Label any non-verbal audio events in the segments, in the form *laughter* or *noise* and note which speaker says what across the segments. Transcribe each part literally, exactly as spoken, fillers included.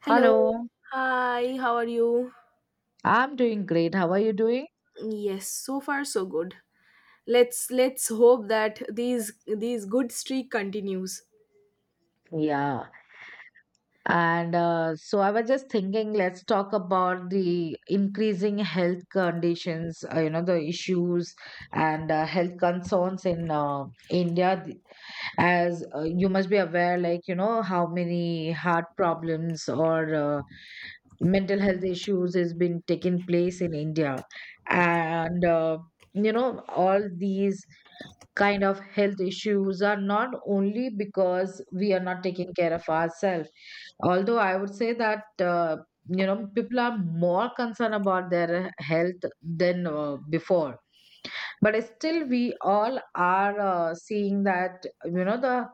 Speaker 1: Hello.
Speaker 2: Hello.
Speaker 1: Hi, how are you?
Speaker 2: I'm doing great. How are you doing?
Speaker 1: Yes, so far so good. Let's let's hope that these these good streak continues.
Speaker 2: Yeah. And uh, so I was just thinking, let's talk about the increasing health conditions, uh, you know, the issues and uh, health concerns in uh, India. th- As uh, you must be aware, like, you know, how many heart problems or uh, mental health issues has been taking place in India. And, uh, you know, all these. Kind of health issues are not only because we are not taking care of ourselves. Although I would say that, uh, you know, people are more concerned about their health than uh, before. But still, we all are uh, seeing that, you know, the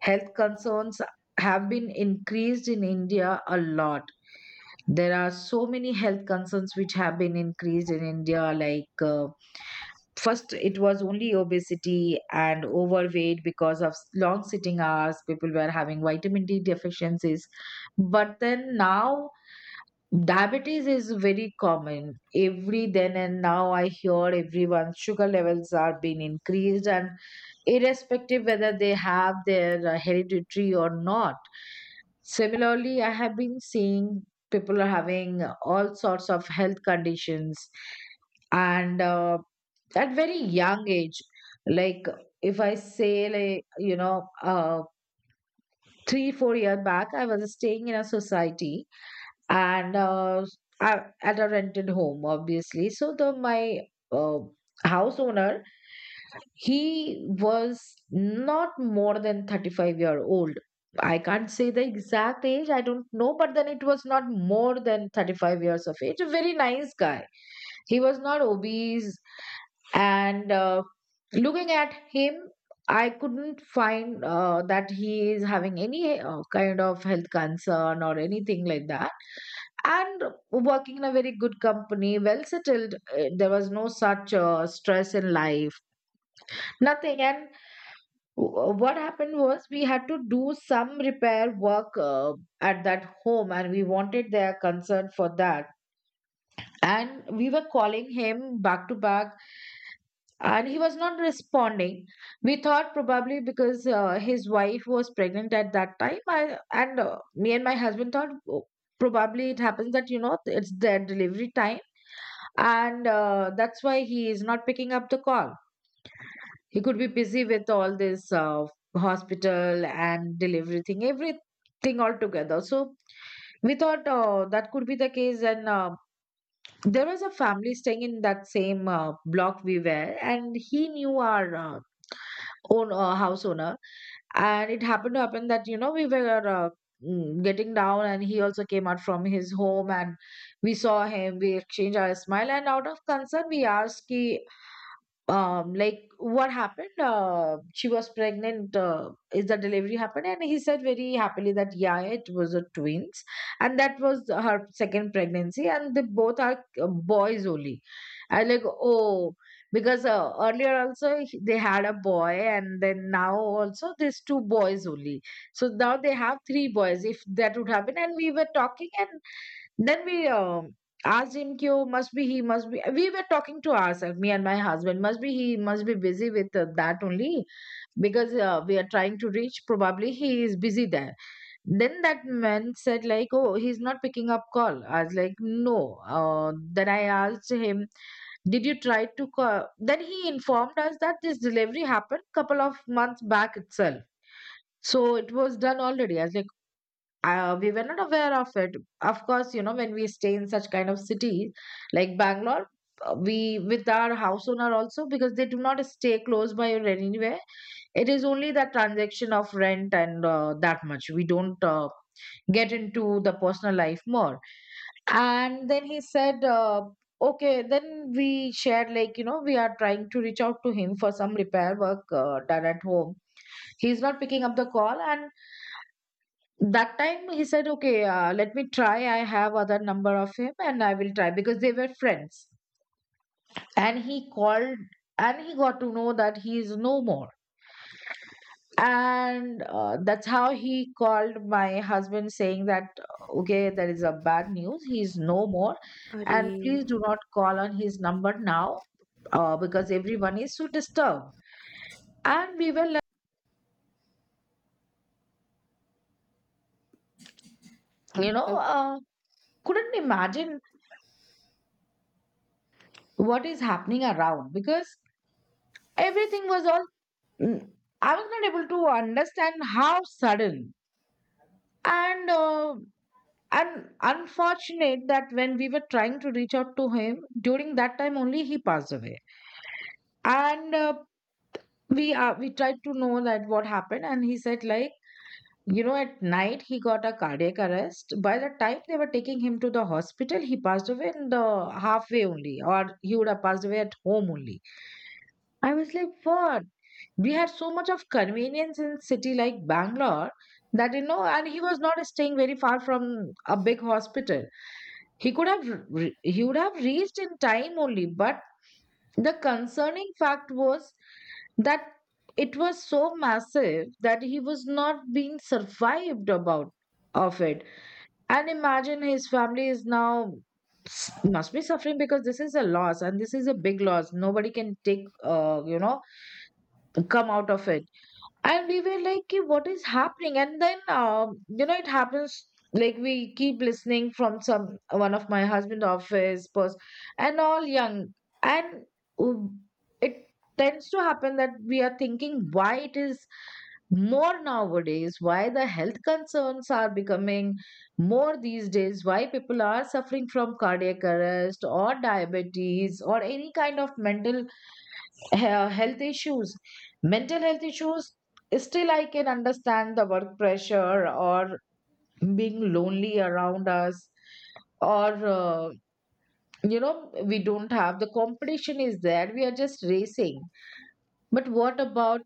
Speaker 2: health concerns have been increased in India a lot. There are so many health concerns which have been increased in India, like uh, first it was only obesity and overweight because of long sitting hours people were having vitamin d deficiencies. But then now diabetes is very common. Every then and now I hear everyone's sugar levels are being increased, and irrespective whether they have their uh, hereditary or not. Similarly, I have been seeing people are having all sorts of health conditions, and uh, at very young age. Like if I say like you know uh, three four year back, I was staying in a society, and uh, I, at a rented home, obviously. So the my uh, house owner, he was not more than thirty-five year old. I can't say the exact age, I don't know, but then it was not more than thirty-five years of age. A very nice guy, he was not obese, and uh, looking at him, I couldn't find uh, that he is having any uh, kind of health concern or anything like that, and working in a very good company, well settled. Uh, there was no such uh, stress in life, nothing. And Wh- what happened was, we had to do some repair work uh, at that home, and we wanted their concern for that, and we were calling him back to back, and he was not responding. We thought probably because uh, his wife was pregnant at that time. I, and uh, Me and my husband thought, "Oh, probably it happens that you know it's their delivery time, and uh, that's why he is not picking up the call. He could be busy with all this uh, hospital and delivery thing, everything all together." So we thought uh, that could be the case. And uh, There was a family staying in that same uh, block we were, and he knew our uh, own uh, house owner. And it happened to happen that, you know, we were uh, mm, getting down, and he also came out from his home, and we saw him, we exchanged our smile, and out of concern, we asked, ki, um like what happened, uh, she was pregnant, uh, is the delivery happened? And he said very happily that yeah, it was a twins, and that was her second pregnancy, and they both are uh, boys only. I like, oh, because uh, earlier also he- they had a boy, and then now also there's two boys only, so now they have three boys, if that would happen. And we were talking and. Then we um, asked him, "Kyo must be he must be." We were talking to ourselves, me and my husband. "Must be he must be busy with uh, that only, because uh, we are trying to reach. Probably he is busy there." Then that man said like, "Oh, he's not picking up call." I was like, "No." Uh, then I asked him, "Did you try to call?" Then he informed us that this delivery happened couple of months back itself. So it was done already. I was like, uh, we were not aware of it. Of course, you know, when we stay in such kind of city like Bangalore, uh, we with our house owner also, because they do not stay close by or anywhere, it is only the transaction of rent, and uh, that much we don't uh, get into the personal life more. And then he said, uh, okay. Then we shared like, you know, we are trying to reach out to him for some repair work uh, done at home, he's not picking up the call. And that time he said, okay, uh, let me try, I have other number of him and I will try, because they were friends. And he called, and he got to know that he is no more. And uh, That's how he called my husband saying that, okay, there is a bad news, he is no more, and
Speaker 1: Arey.
Speaker 2: please do not call on his number now, uh, because everyone is so disturbed. And we were like, you know
Speaker 1: Oh,
Speaker 2: uh, couldn't imagine what is happening around, because everything was all Mm, I was not able to understand how sudden and uh, and unfortunate that when we were trying to reach out to him, during that time only he passed away. And uh, we uh, we tried to know that what happened, and he said like, you know, at night he got a cardiac arrest. By the time they were taking him to the hospital, he passed away in the halfway only, or he would have passed away at home only. I was like, what? We had so much of convenience in city like Bangalore, that you know, and he was not staying very far from a big hospital. He could have re- he would have reached in time only, but the concerning fact was that it was so massive that he was not being survived about of it. And imagine his family is now s- must be suffering, because this is a loss and this is a big loss. Nobody can take, uh, you know, come out of it. And we were like, "Ki, what is happening?" And then, um, you know, it happens, like we keep listening from some, one of my husband office pers- and all young, and um, it tends to happen that we are thinking, why it is more nowadays, why the health concerns are becoming more these days, why people are suffering from cardiac arrest or diabetes or any kind of mental uh, health issues, mental health issues. Still I can understand the work pressure or being lonely around us, or uh, you know we don't have, the competition is there, we are just racing. But what about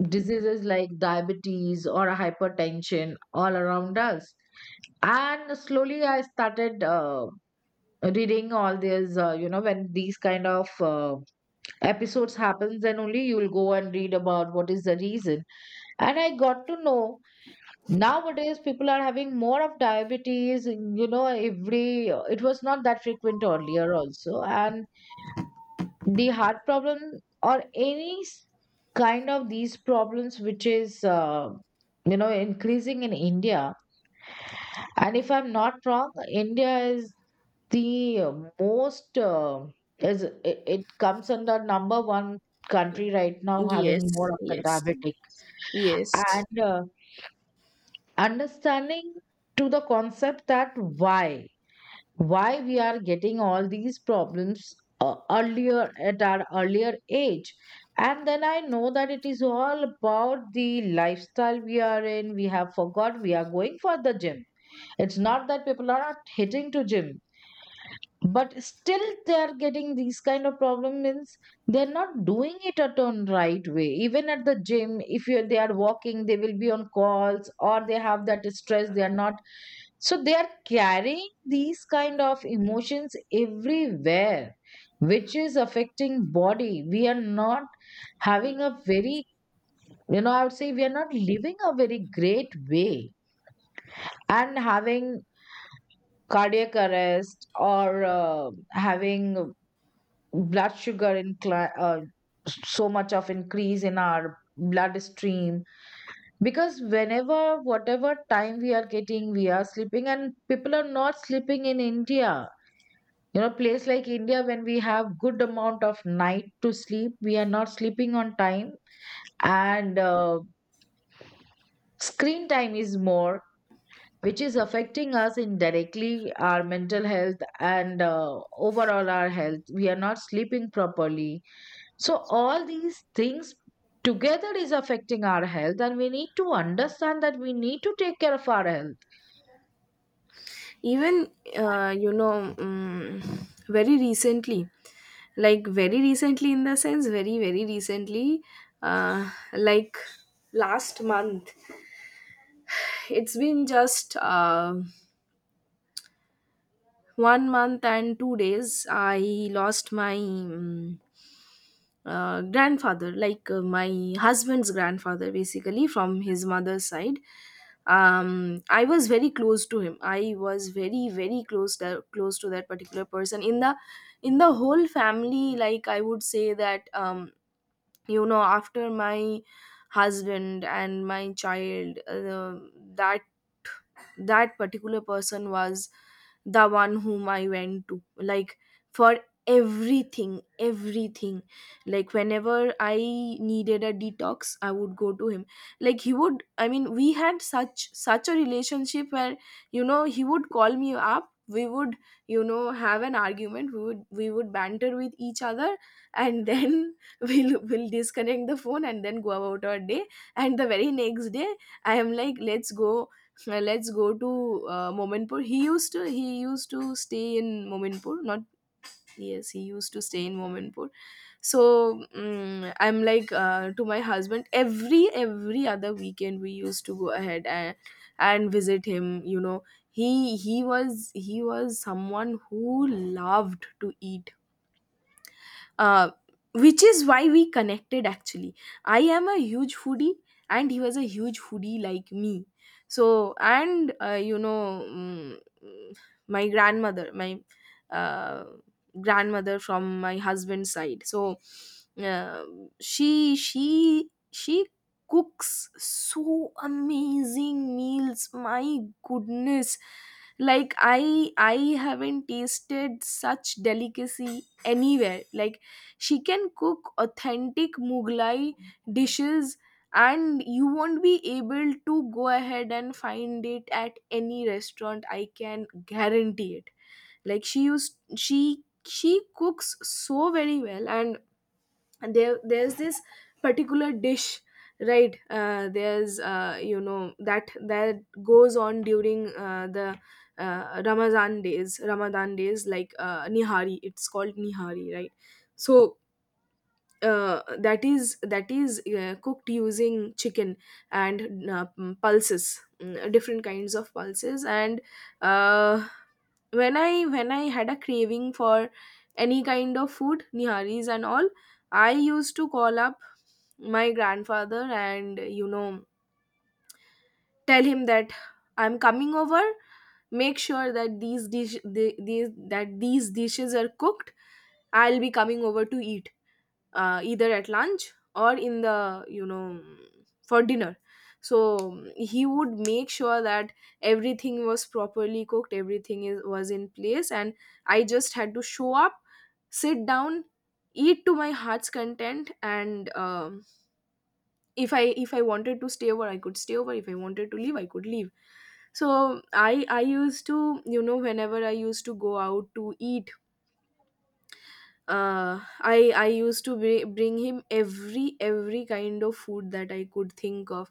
Speaker 2: diseases like diabetes or hypertension all around us? And slowly I started uh, reading all these, uh, you know when these kind of uh, episodes happens, then only you will go and read about what is the reason. And I got to know, nowadays people are having more of diabetes, you know, every it was not that frequent earlier also. And the heart problem or any s- kind of these problems which is uh, you know increasing in India. And if I'm not wrong, India is the uh, most uh, is it, it comes under number one country right now
Speaker 1: yes,
Speaker 2: having more of the
Speaker 1: yes,
Speaker 2: diabetic.
Speaker 1: yes.
Speaker 2: And uh, Understanding to the concept that why why we are getting all these problems uh, earlier, at our earlier age. And then I know that it is all about the lifestyle we are in. We have forgot. We are going for the gym, it's not that people are not hitting to gym, but still they are getting these kind of problem, means they're not doing it at on right way. Even at the gym, if you, they are walking, they will be on calls, or they have that stress, they are not, so they are carrying these kind of emotions everywhere, which is affecting body. We are not having a very, you know, I would say we are not living a very great way, and having cardiac arrest or uh, having blood sugar incline, uh, so much of increase in our bloodstream. Because whenever, whatever time we are getting, we are sleeping, and people are not sleeping in India. You know, place like India, when we have good amount of night to sleep, we are not sleeping on time. And uh, screen time is more, which is affecting us indirectly, our mental health, and uh, overall our health, we are not sleeping properly. So all these things together is affecting our health, and we need to understand that we need to take care of our health.
Speaker 1: Even uh, you know, um, very recently, like very recently in the sense, very very recently, uh, like last month. It's been just uh, one month and two days. I lost my. um, uh, grandfather, like uh, my husband's grandfather, basically from his mother's side. Um, I was very close to him. I was very, very close to, close to that particular person in the in the whole family. Like I would say that um, you know, after my husband and my child, uh, that that particular person was the one whom I went to like for everything everything, like whenever I needed a detox I would go to him. Like he would I mean, we had such such a relationship where you know he would call me up, we would you know have an argument, we would we would banter with each other, and then *laughs* we'll we'll disconnect the phone and then go about our day. And the very next day I am like, let's go uh, let's go to uh, Mominpur. He used to he used to stay in Mominpur. Not Yes, he used to stay in Mominpur. So mm I'm like, uh, to my husband, every every other weekend we used to go ahead and and visit him. You know he he was he was someone who loved to eat, uh, which is why we connected. Actually, I am a huge foodie and he was a huge foodie like me, so. And uh, you know mm, mm, my grandmother my uh, grandmother from my husband's side, so uh, she she she cooks so amazing meals, my goodness. Like i i haven't tasted such delicacy anywhere. Like, she can cook authentic Mughlai dishes and you won't be able to go ahead and find it at any restaurant. I can guarantee it. Like, she used she she cooks so very well. And there there's this particular dish, right? uh, there's uh, you know that that goes on during uh, the uh, ramadan days ramadan days, like uh, nihari. It's called nihari, right? So uh, that is that is uh, cooked using chicken and uh, mm, pulses mm, different kinds of pulses. And uh, when i when i had a craving for any kind of food, niharis and all, I used to call up my grandfather and you know tell him that I'm coming over. Make sure that these dish the, these that these dishes are cooked, I'll be coming over to eat uh, either at lunch or in the you know for dinner. So he would make sure that everything was properly cooked, everything is, was in place, and I just had to show up, sit down, eat to my heart's content. And um, if i if i wanted to stay over I could stay over, if I wanted to leave I could leave. So i i used to you know whenever I used to go out to eat, uh i i used to bring, bring him every every kind of food that I could think of.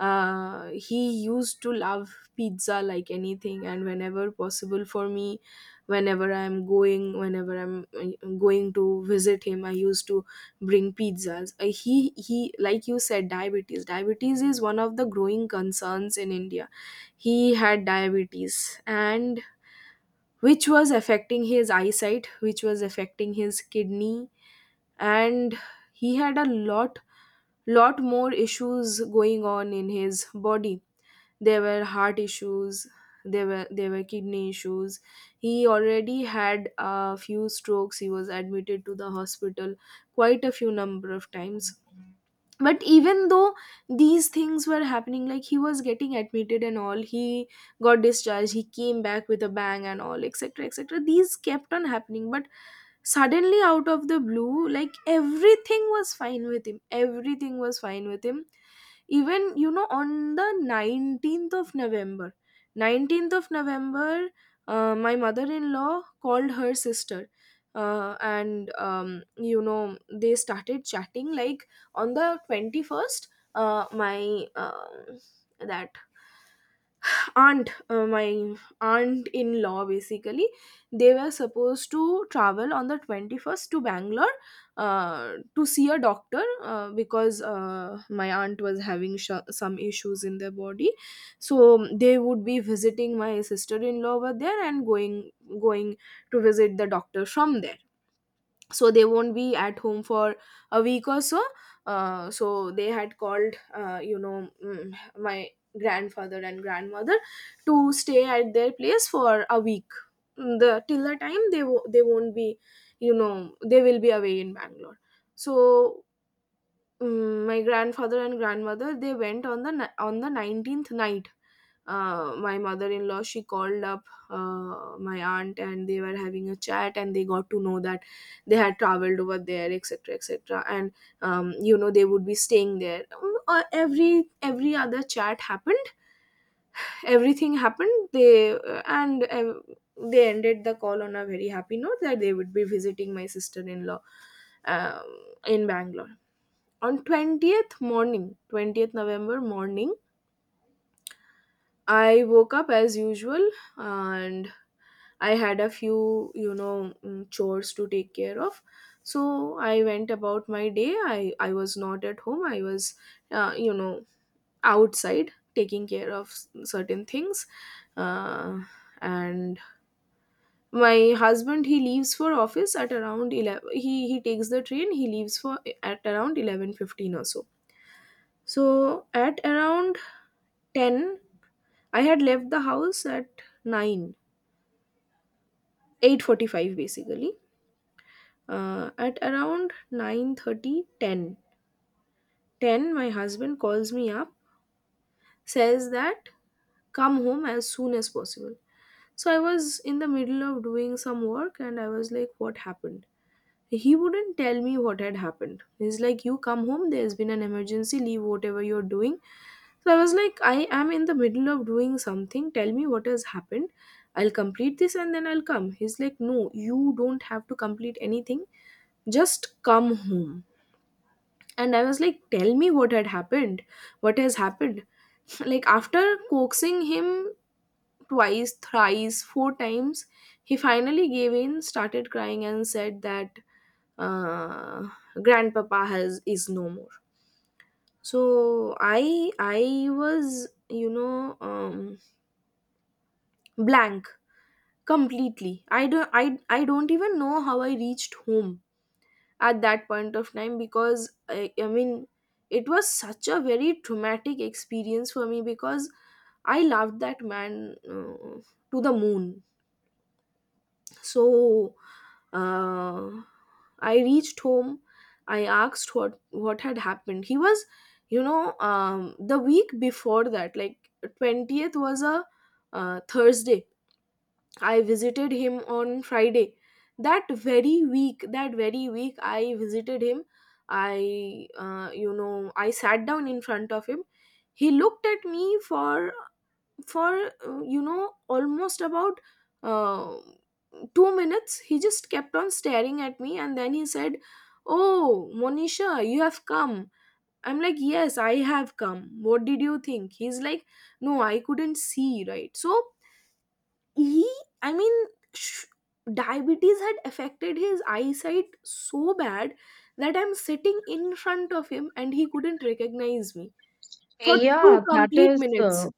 Speaker 1: uh He used to love pizza like anything, and whenever possible for me, whenever i'm going whenever I'm uh, going to visit him, I used to bring pizzas. Uh, he he like you said, diabetes diabetes is one of the growing concerns in india. He had diabetes, and which was affecting his eyesight, which was affecting his kidney. And he had a lot lot more issues going on in his body. There were heart issues, there were there were kidney issues. He already had a few strokes, he was admitted to the hospital quite a few number of times. But even though these things were happening, like he was getting admitted and all, he got discharged, he came back with a bang and all, etc, etc, these kept on happening. But suddenly, out of the blue, like everything was fine with him, everything was fine with him, even you know on the nineteenth of november, nineteenth of november, uh, my mother-in-law called her sister, uh, and um, you know they started chatting. Like, on the twenty-first, uh, my um that aunt uh, my aunt in law basically, they were supposed to travel on the twenty-first to bangalore uh, to see a doctor, uh, because uh, my aunt was having sh- some issues in their body. So they would be visiting my sister in law over there and going, going to visit the doctor from there. So they won't be at home for a week or so, uh, so they had called uh, you know mm, my grandfather and grandmother to stay at their place for a week. Mm, the Till the time they wo- they won't be you know they will be away in bangalore, so. Mm, my grandfather and grandmother, they went on the ni- on the nineteenth night. Uh, my mother-in-law, she called up uh, my aunt, and they were having a chat, and they got to know that they had traveled over there, etc, etc. And um, you know they would be staying there. Mm, uh, every every other chat happened, everything happened, they uh, and uh, they ended the call on a very happy note, that they would be visiting my sister-in-law, um, in bangalore. On twentieth morning, twentieth november morning, I woke up as usual. And I had a few you know mm, chores to take care of, so I went about my day. I i was not at home, I was uh, you know outside taking care of s- certain things. uh, and my husband, he leaves for office at around eleven, he he takes the train. He leaves for at around eleven fifteen or so. So at around ten, I had left the house at nine, eight forty-five basically. Uh, at around nine thirty, 10, ten, my husband calls me up, says that, come home as soon as possible. So I was in the middle of doing some work, and I was like, what happened? He wouldn't tell me what had happened. He's like, "You come home, there's been an emergency, leave whatever you're doing." So I was like, "I am in the middle of doing something, tell me what has happened. I'll complete this and then I'll come." He's like, "No, you don't have to complete anything, just come home." And I was like, "Tell me what had happened. What has happened?" *laughs* *sniffs* Like, after coaxing him twice, thrice, four times, he finally gave in, started crying, and said that uh, grandpapa has is no more. So i i was, you know um, blank completely. I don't I, I don't even know how I reached home at that point of time, because I, I mean it was such a very traumatic experience for me, because I loved that man, uh, to the moon. So uh, I reached home. I asked what what had happened. He was, you know, um, the week before that, like, twentieth was a uh, Thursday. I visited him on Friday. That very week, that very week, I visited him. I, uh, you know, I sat down in front of him. He looked at me for for uh, you know almost about uh, two minutes. He just kept on staring at me, and then he said, "Oh, monisha, you have come." I'm like, "Yes, I have come, what did you think?" He's like, "No, I couldn't see, right?" So, he I mean, sh- diabetes had affected his eyesight so bad that I'm sitting in front of him and he couldn't recognize me, for two
Speaker 2: Yeah, that
Speaker 1: complete
Speaker 2: is, uh,
Speaker 1: minutes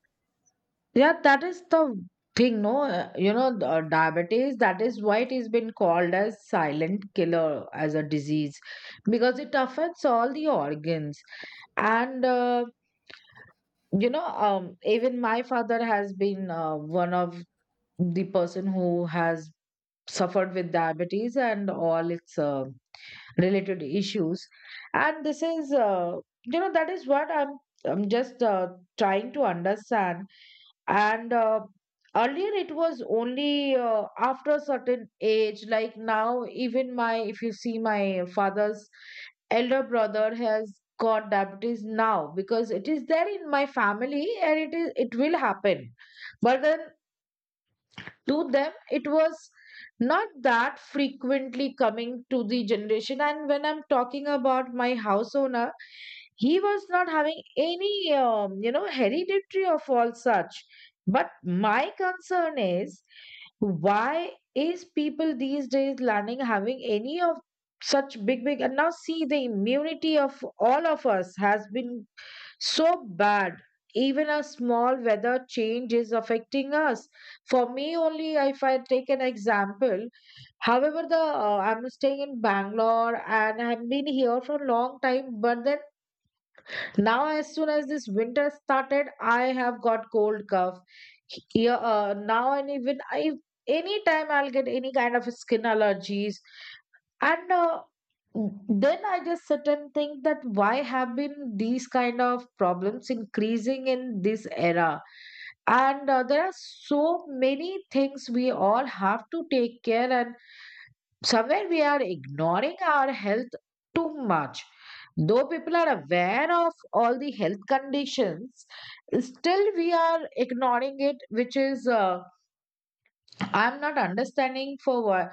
Speaker 2: yeah, that is the thing, no? Uh, You know, the, uh, diabetes, that is why it has been called as silent killer as a disease, because it affects all the organs. And, uh, you know, um, even my father has been uh, one of the person who has suffered with diabetes and all its. Uh, related issues. And this is uh, you know that is what i'm i'm just uh, trying to understand. And uh, earlier it was only uh, after a certain age. Like now, even my if you see my father's elder brother has got diabetes now, because it is there in my family and it is it will happen. But then, to them it was not that frequently coming to the generation. And when I'm talking about my house owner, he was not having any um, you know hereditary of all such. But my concern is, why is people these days learning having any of such big big. And now see, the immunity of all of us has been so bad. Even a small weather change is affecting us. For me, only if I take an example. However, the uh, I'm staying in Bangalore and I've been here for a long time. But then now, as soon as this winter started, I have got cold cough. Here, uh, now and even I. Anytime I'll get any kind of skin allergies, and uh, then I just sit and think that why have been these kind of problems increasing in this era. And uh, there are so many things we all have to take care, and somewhere we are ignoring our health too much, though people are aware of all the health conditions. Still we are ignoring it, which is uh, I'm not understanding for what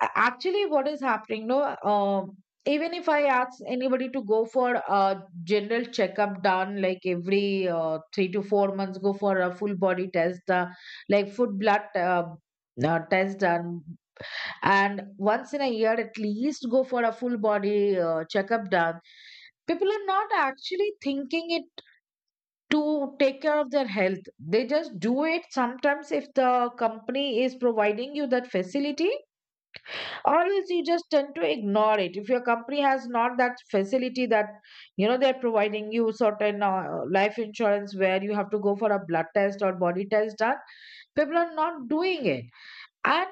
Speaker 2: actually what is happening. No, um, even if I ask anybody to go for a general checkup done, like every uh, three to four months, go for a full body test, uh, like food blood uh, uh, test done, and once in a year at least go for a full body uh, checkup done. People are not actually thinking it to take care of their health. They just do it sometimes if the company is providing you that facility, or else you just tend to ignore it. If your company has not that facility, that you know they're providing you certain uh, life insurance where you have to go for a blood test or body test done, people are not doing it. And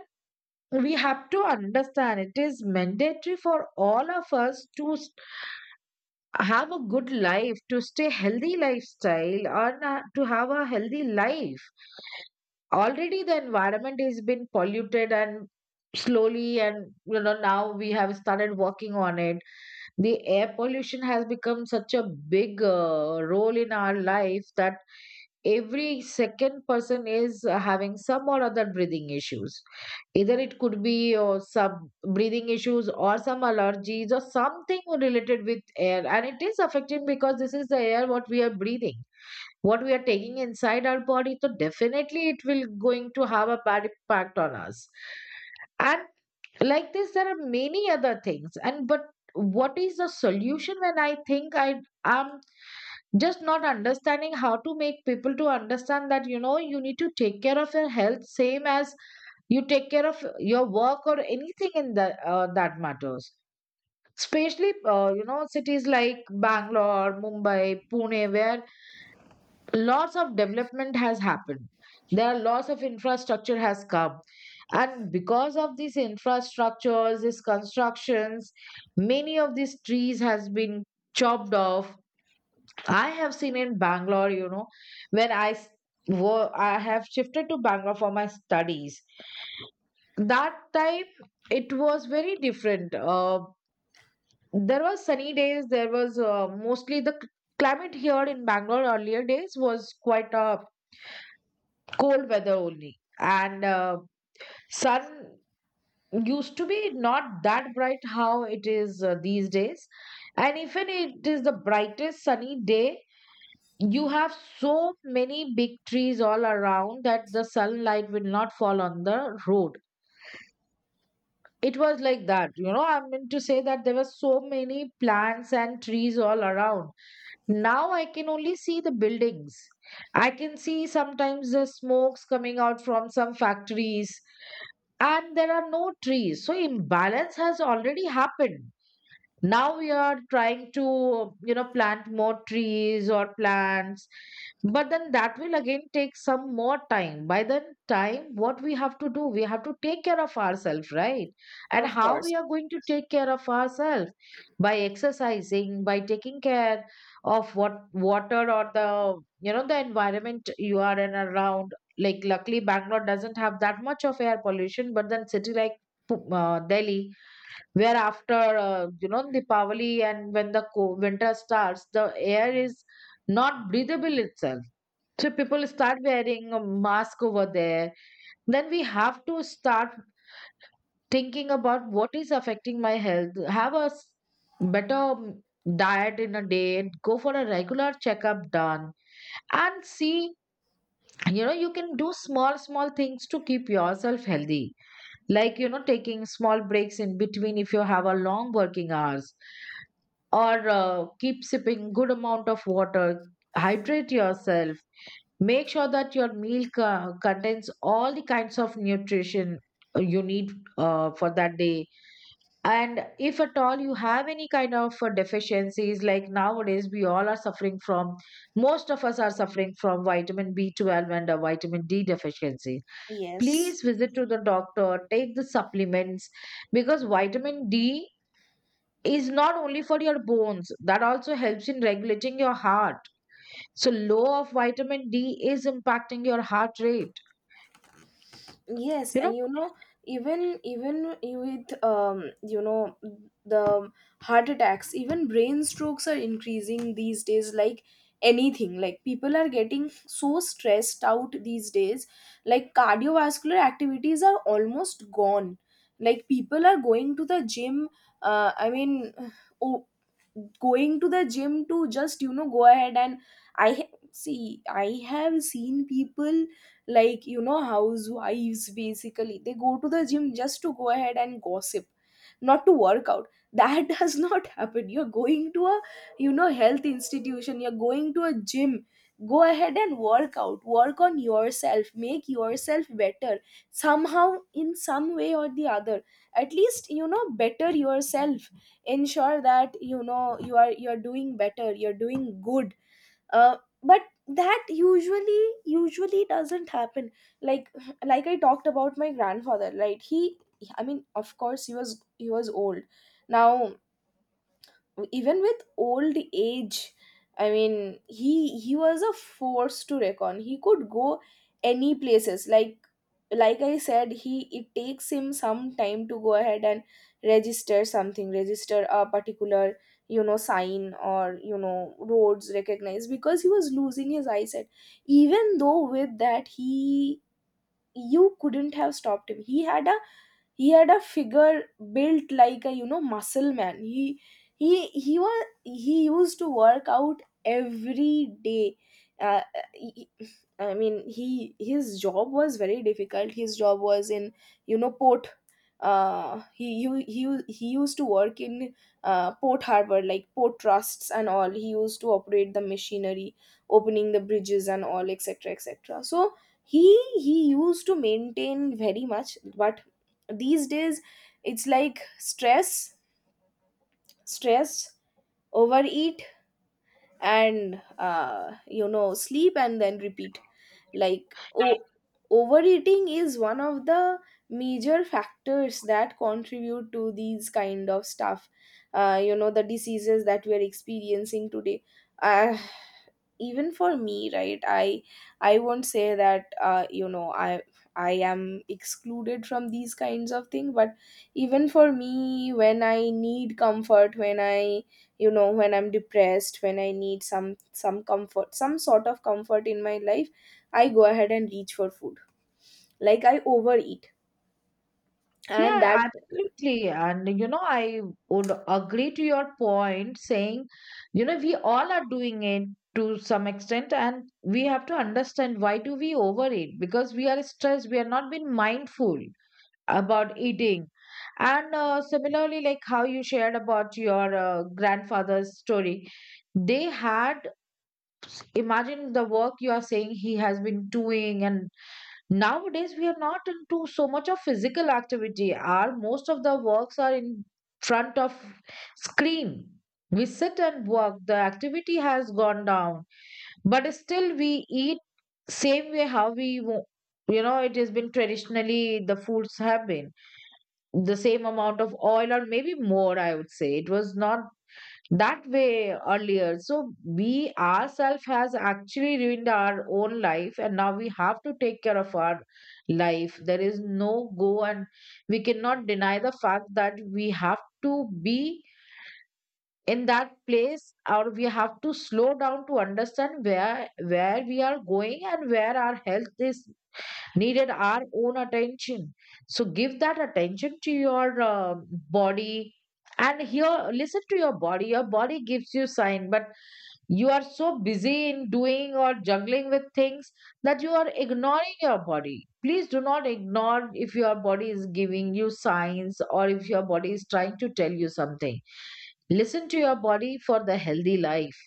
Speaker 2: we have to understand, it is mandatory for all of us to s- have a good life, to stay healthy lifestyle, or uh, to have a healthy life. Already the environment has been polluted, and slowly, and you know now we have started working on it. The air pollution has become such a big uh, role in our life that every second person is uh, having some or other breathing issues. Either it could be or some breathing issues or some allergies or something related with air, and it is affecting because this is the air what we are breathing, what we are taking inside our body. So definitely it will going to have a bad impact on us. And like this, there are many other things, and but what is the solution? When I think, I am just not understanding how to make people to understand that you know you need to take care of your health same as you take care of your work or anything in the uh, that matters. Especially uh, you know cities like Bangalore, Mumbai, Pune, where lots of development has happened, there are lots of infrastructure has come. And because of these infrastructures, these constructions, many of these trees has been chopped off. I have seen in Bangalore, you know when i s- wo- I have shifted to Bangalore for my studies, that time it was very different. Uh, there was sunny days, there was uh, mostly the c- climate here in Bangalore earlier days was quite a cold weather only. And uh, sun used to be not that bright, how it is uh, these days. And even it is the brightest sunny day, you have so many big trees all around that the sunlight will not fall on the road. It was like that, you know I meant to say that there were so many plants and trees all around. Now I can only see the buildings. I can see sometimes the smokes coming out from some factories, and there are no trees. So imbalance has already happened. Now we are trying to you know plant more trees or plants, but then that will again take some more time. By the time, what we have to do, we have to take care of ourselves, right? And
Speaker 1: Of
Speaker 2: how we
Speaker 1: course.
Speaker 2: are going to take care of ourselves? By exercising, by taking care of what water, or the you know the environment you are in around. Like luckily Bangalore doesn't have that much of air pollution, but then city like Pu- uh, delhi, where after uh, you know Deepavali and when the co- winter starts, the air is not breathable itself. So people start wearing a mask over there. Then we have to start thinking about what is affecting my health. Have a s- better um, diet in a day. Go for a regular checkup done, and see. You know, you can do small small things to keep yourself healthy, like you know taking small breaks in between if you have a long working hours, or uh, keep sipping good amount of water, hydrate yourself, make sure that your meal co- contains all the kinds of nutrition uh, you need uh, for that day. And if at all you have any kind of uh, deficiencies, like nowadays we all are suffering from most of us are suffering from vitamin b twelve and uh, vitamin d deficiency.
Speaker 1: Yes.
Speaker 2: Please visit to the doctor, take the supplements, because vitamin d is not only for your bones, that also helps in regulating your heart. So low of vitamin d is impacting your heart rate,
Speaker 1: Yes,
Speaker 2: you know.
Speaker 1: and you know, even even with um, you know, the heart attacks, even brain strokes are increasing these days. Like anything, like people are getting so stressed out these days. Like, cardiovascular activities are almost gone. Like, people are going to the gym. Uh, I mean, *sighs* oh, going to the gym to just you know go ahead and, I ha- see, I have seen people, like, you know housewives basically, they go to the gym just to go ahead and gossip, not to work out. That *laughs* does not happen. You're going to a, you know health institution, you're going to a gym. Go ahead and work out, work on yourself, make yourself better somehow, in some way or the other. At least, you know better yourself, ensure that you know you are you're doing better, you're doing good. uh, but that usually usually doesn't happen. Like *laughs* like I talked about my grandfather, right? he I mean, of course he was he was old. Now, even with old age, I mean, he he was a force to reckon, he could go any places. like like I said, he it takes him some time to go ahead and register something, register a particular you know sign, or you know roads recognized, because he was losing his eyesight. Even though with that, he you couldn't have stopped him. He had a, he had a figure built like a, you know muscle man. He he he was he used to work out every day. uh, he- I mean, he his job was very difficult. His job was in, you know port. uh, he, he he he used to work in uh, port harbor, like port trusts and all. He used to operate the machinery, opening the bridges and all, etc, etc. So he he used to maintain very much. But these days, it's like, stress, stress, overeat, and uh, you know sleep and then repeat. Like, oh, overeating is one of the major factors that contribute to these kind of stuff, uh, you know the diseases that we are experiencing today. uh, Even for me, right, i i won't say that, uh, you know i i am excluded from these kinds of things. But even for me, when I need comfort, when i you know when I'm depressed, when I need some some comfort, some sort of comfort in my life, I go ahead and reach for food. Like, I overeat, and
Speaker 2: Yeah,
Speaker 1: that.
Speaker 2: absolutely. And you know, I would agree to your point, saying you know we all are doing it to some extent. And we have to understand, why do we overeat? Because we are stressed, we are not being mindful about eating. And uh, similarly, like how you shared about your uh, grandfather's story, they had, imagine the work you are saying he has been doing. And nowadays we are not into so much of physical activity, our most of the works are in front of screen. We sit and work, the activity has gone down, but still we eat same way, how we wo- you know it has been traditionally, the foods have been the same amount of oil, or maybe more I would say. It was not that way earlier. So we ourselves has actually ruined our own life, and now we have to take care of our life. There is no go, and we cannot deny the fact that we have to be in that place, or we have to slow down to understand where where we are going, and where our health is needed our own attention. So give that attention to your uh, body. And here, listen to your body. Your body gives you sign, but you are so busy in doing or juggling with things that you are ignoring your body. Please do not ignore, if your body is giving you signs, or if your body is trying to tell you something, listen to your body for the healthy life.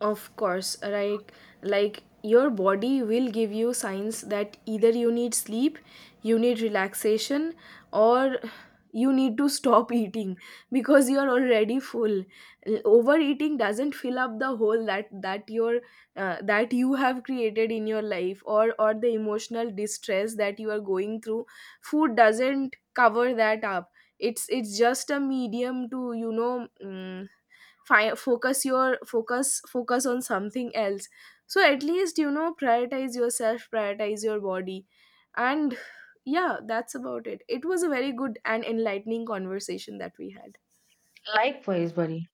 Speaker 1: Of course, right? Like, your body will give you signs that either you need sleep, you need relaxation, or you need to stop *laughs* eating because you are already full. L- Overeating doesn't fill up the hole that that your uh, that you have created in your life, or or the emotional distress that you are going through. Food doesn't cover that up. It's it's just a medium to, you know mm, fi- focus your focus focus on something else. So at least, you know prioritize yourself, prioritize your body. And yeah, that's about it. It was a very good and enlightening conversation that we had.
Speaker 2: Likewise, buddy.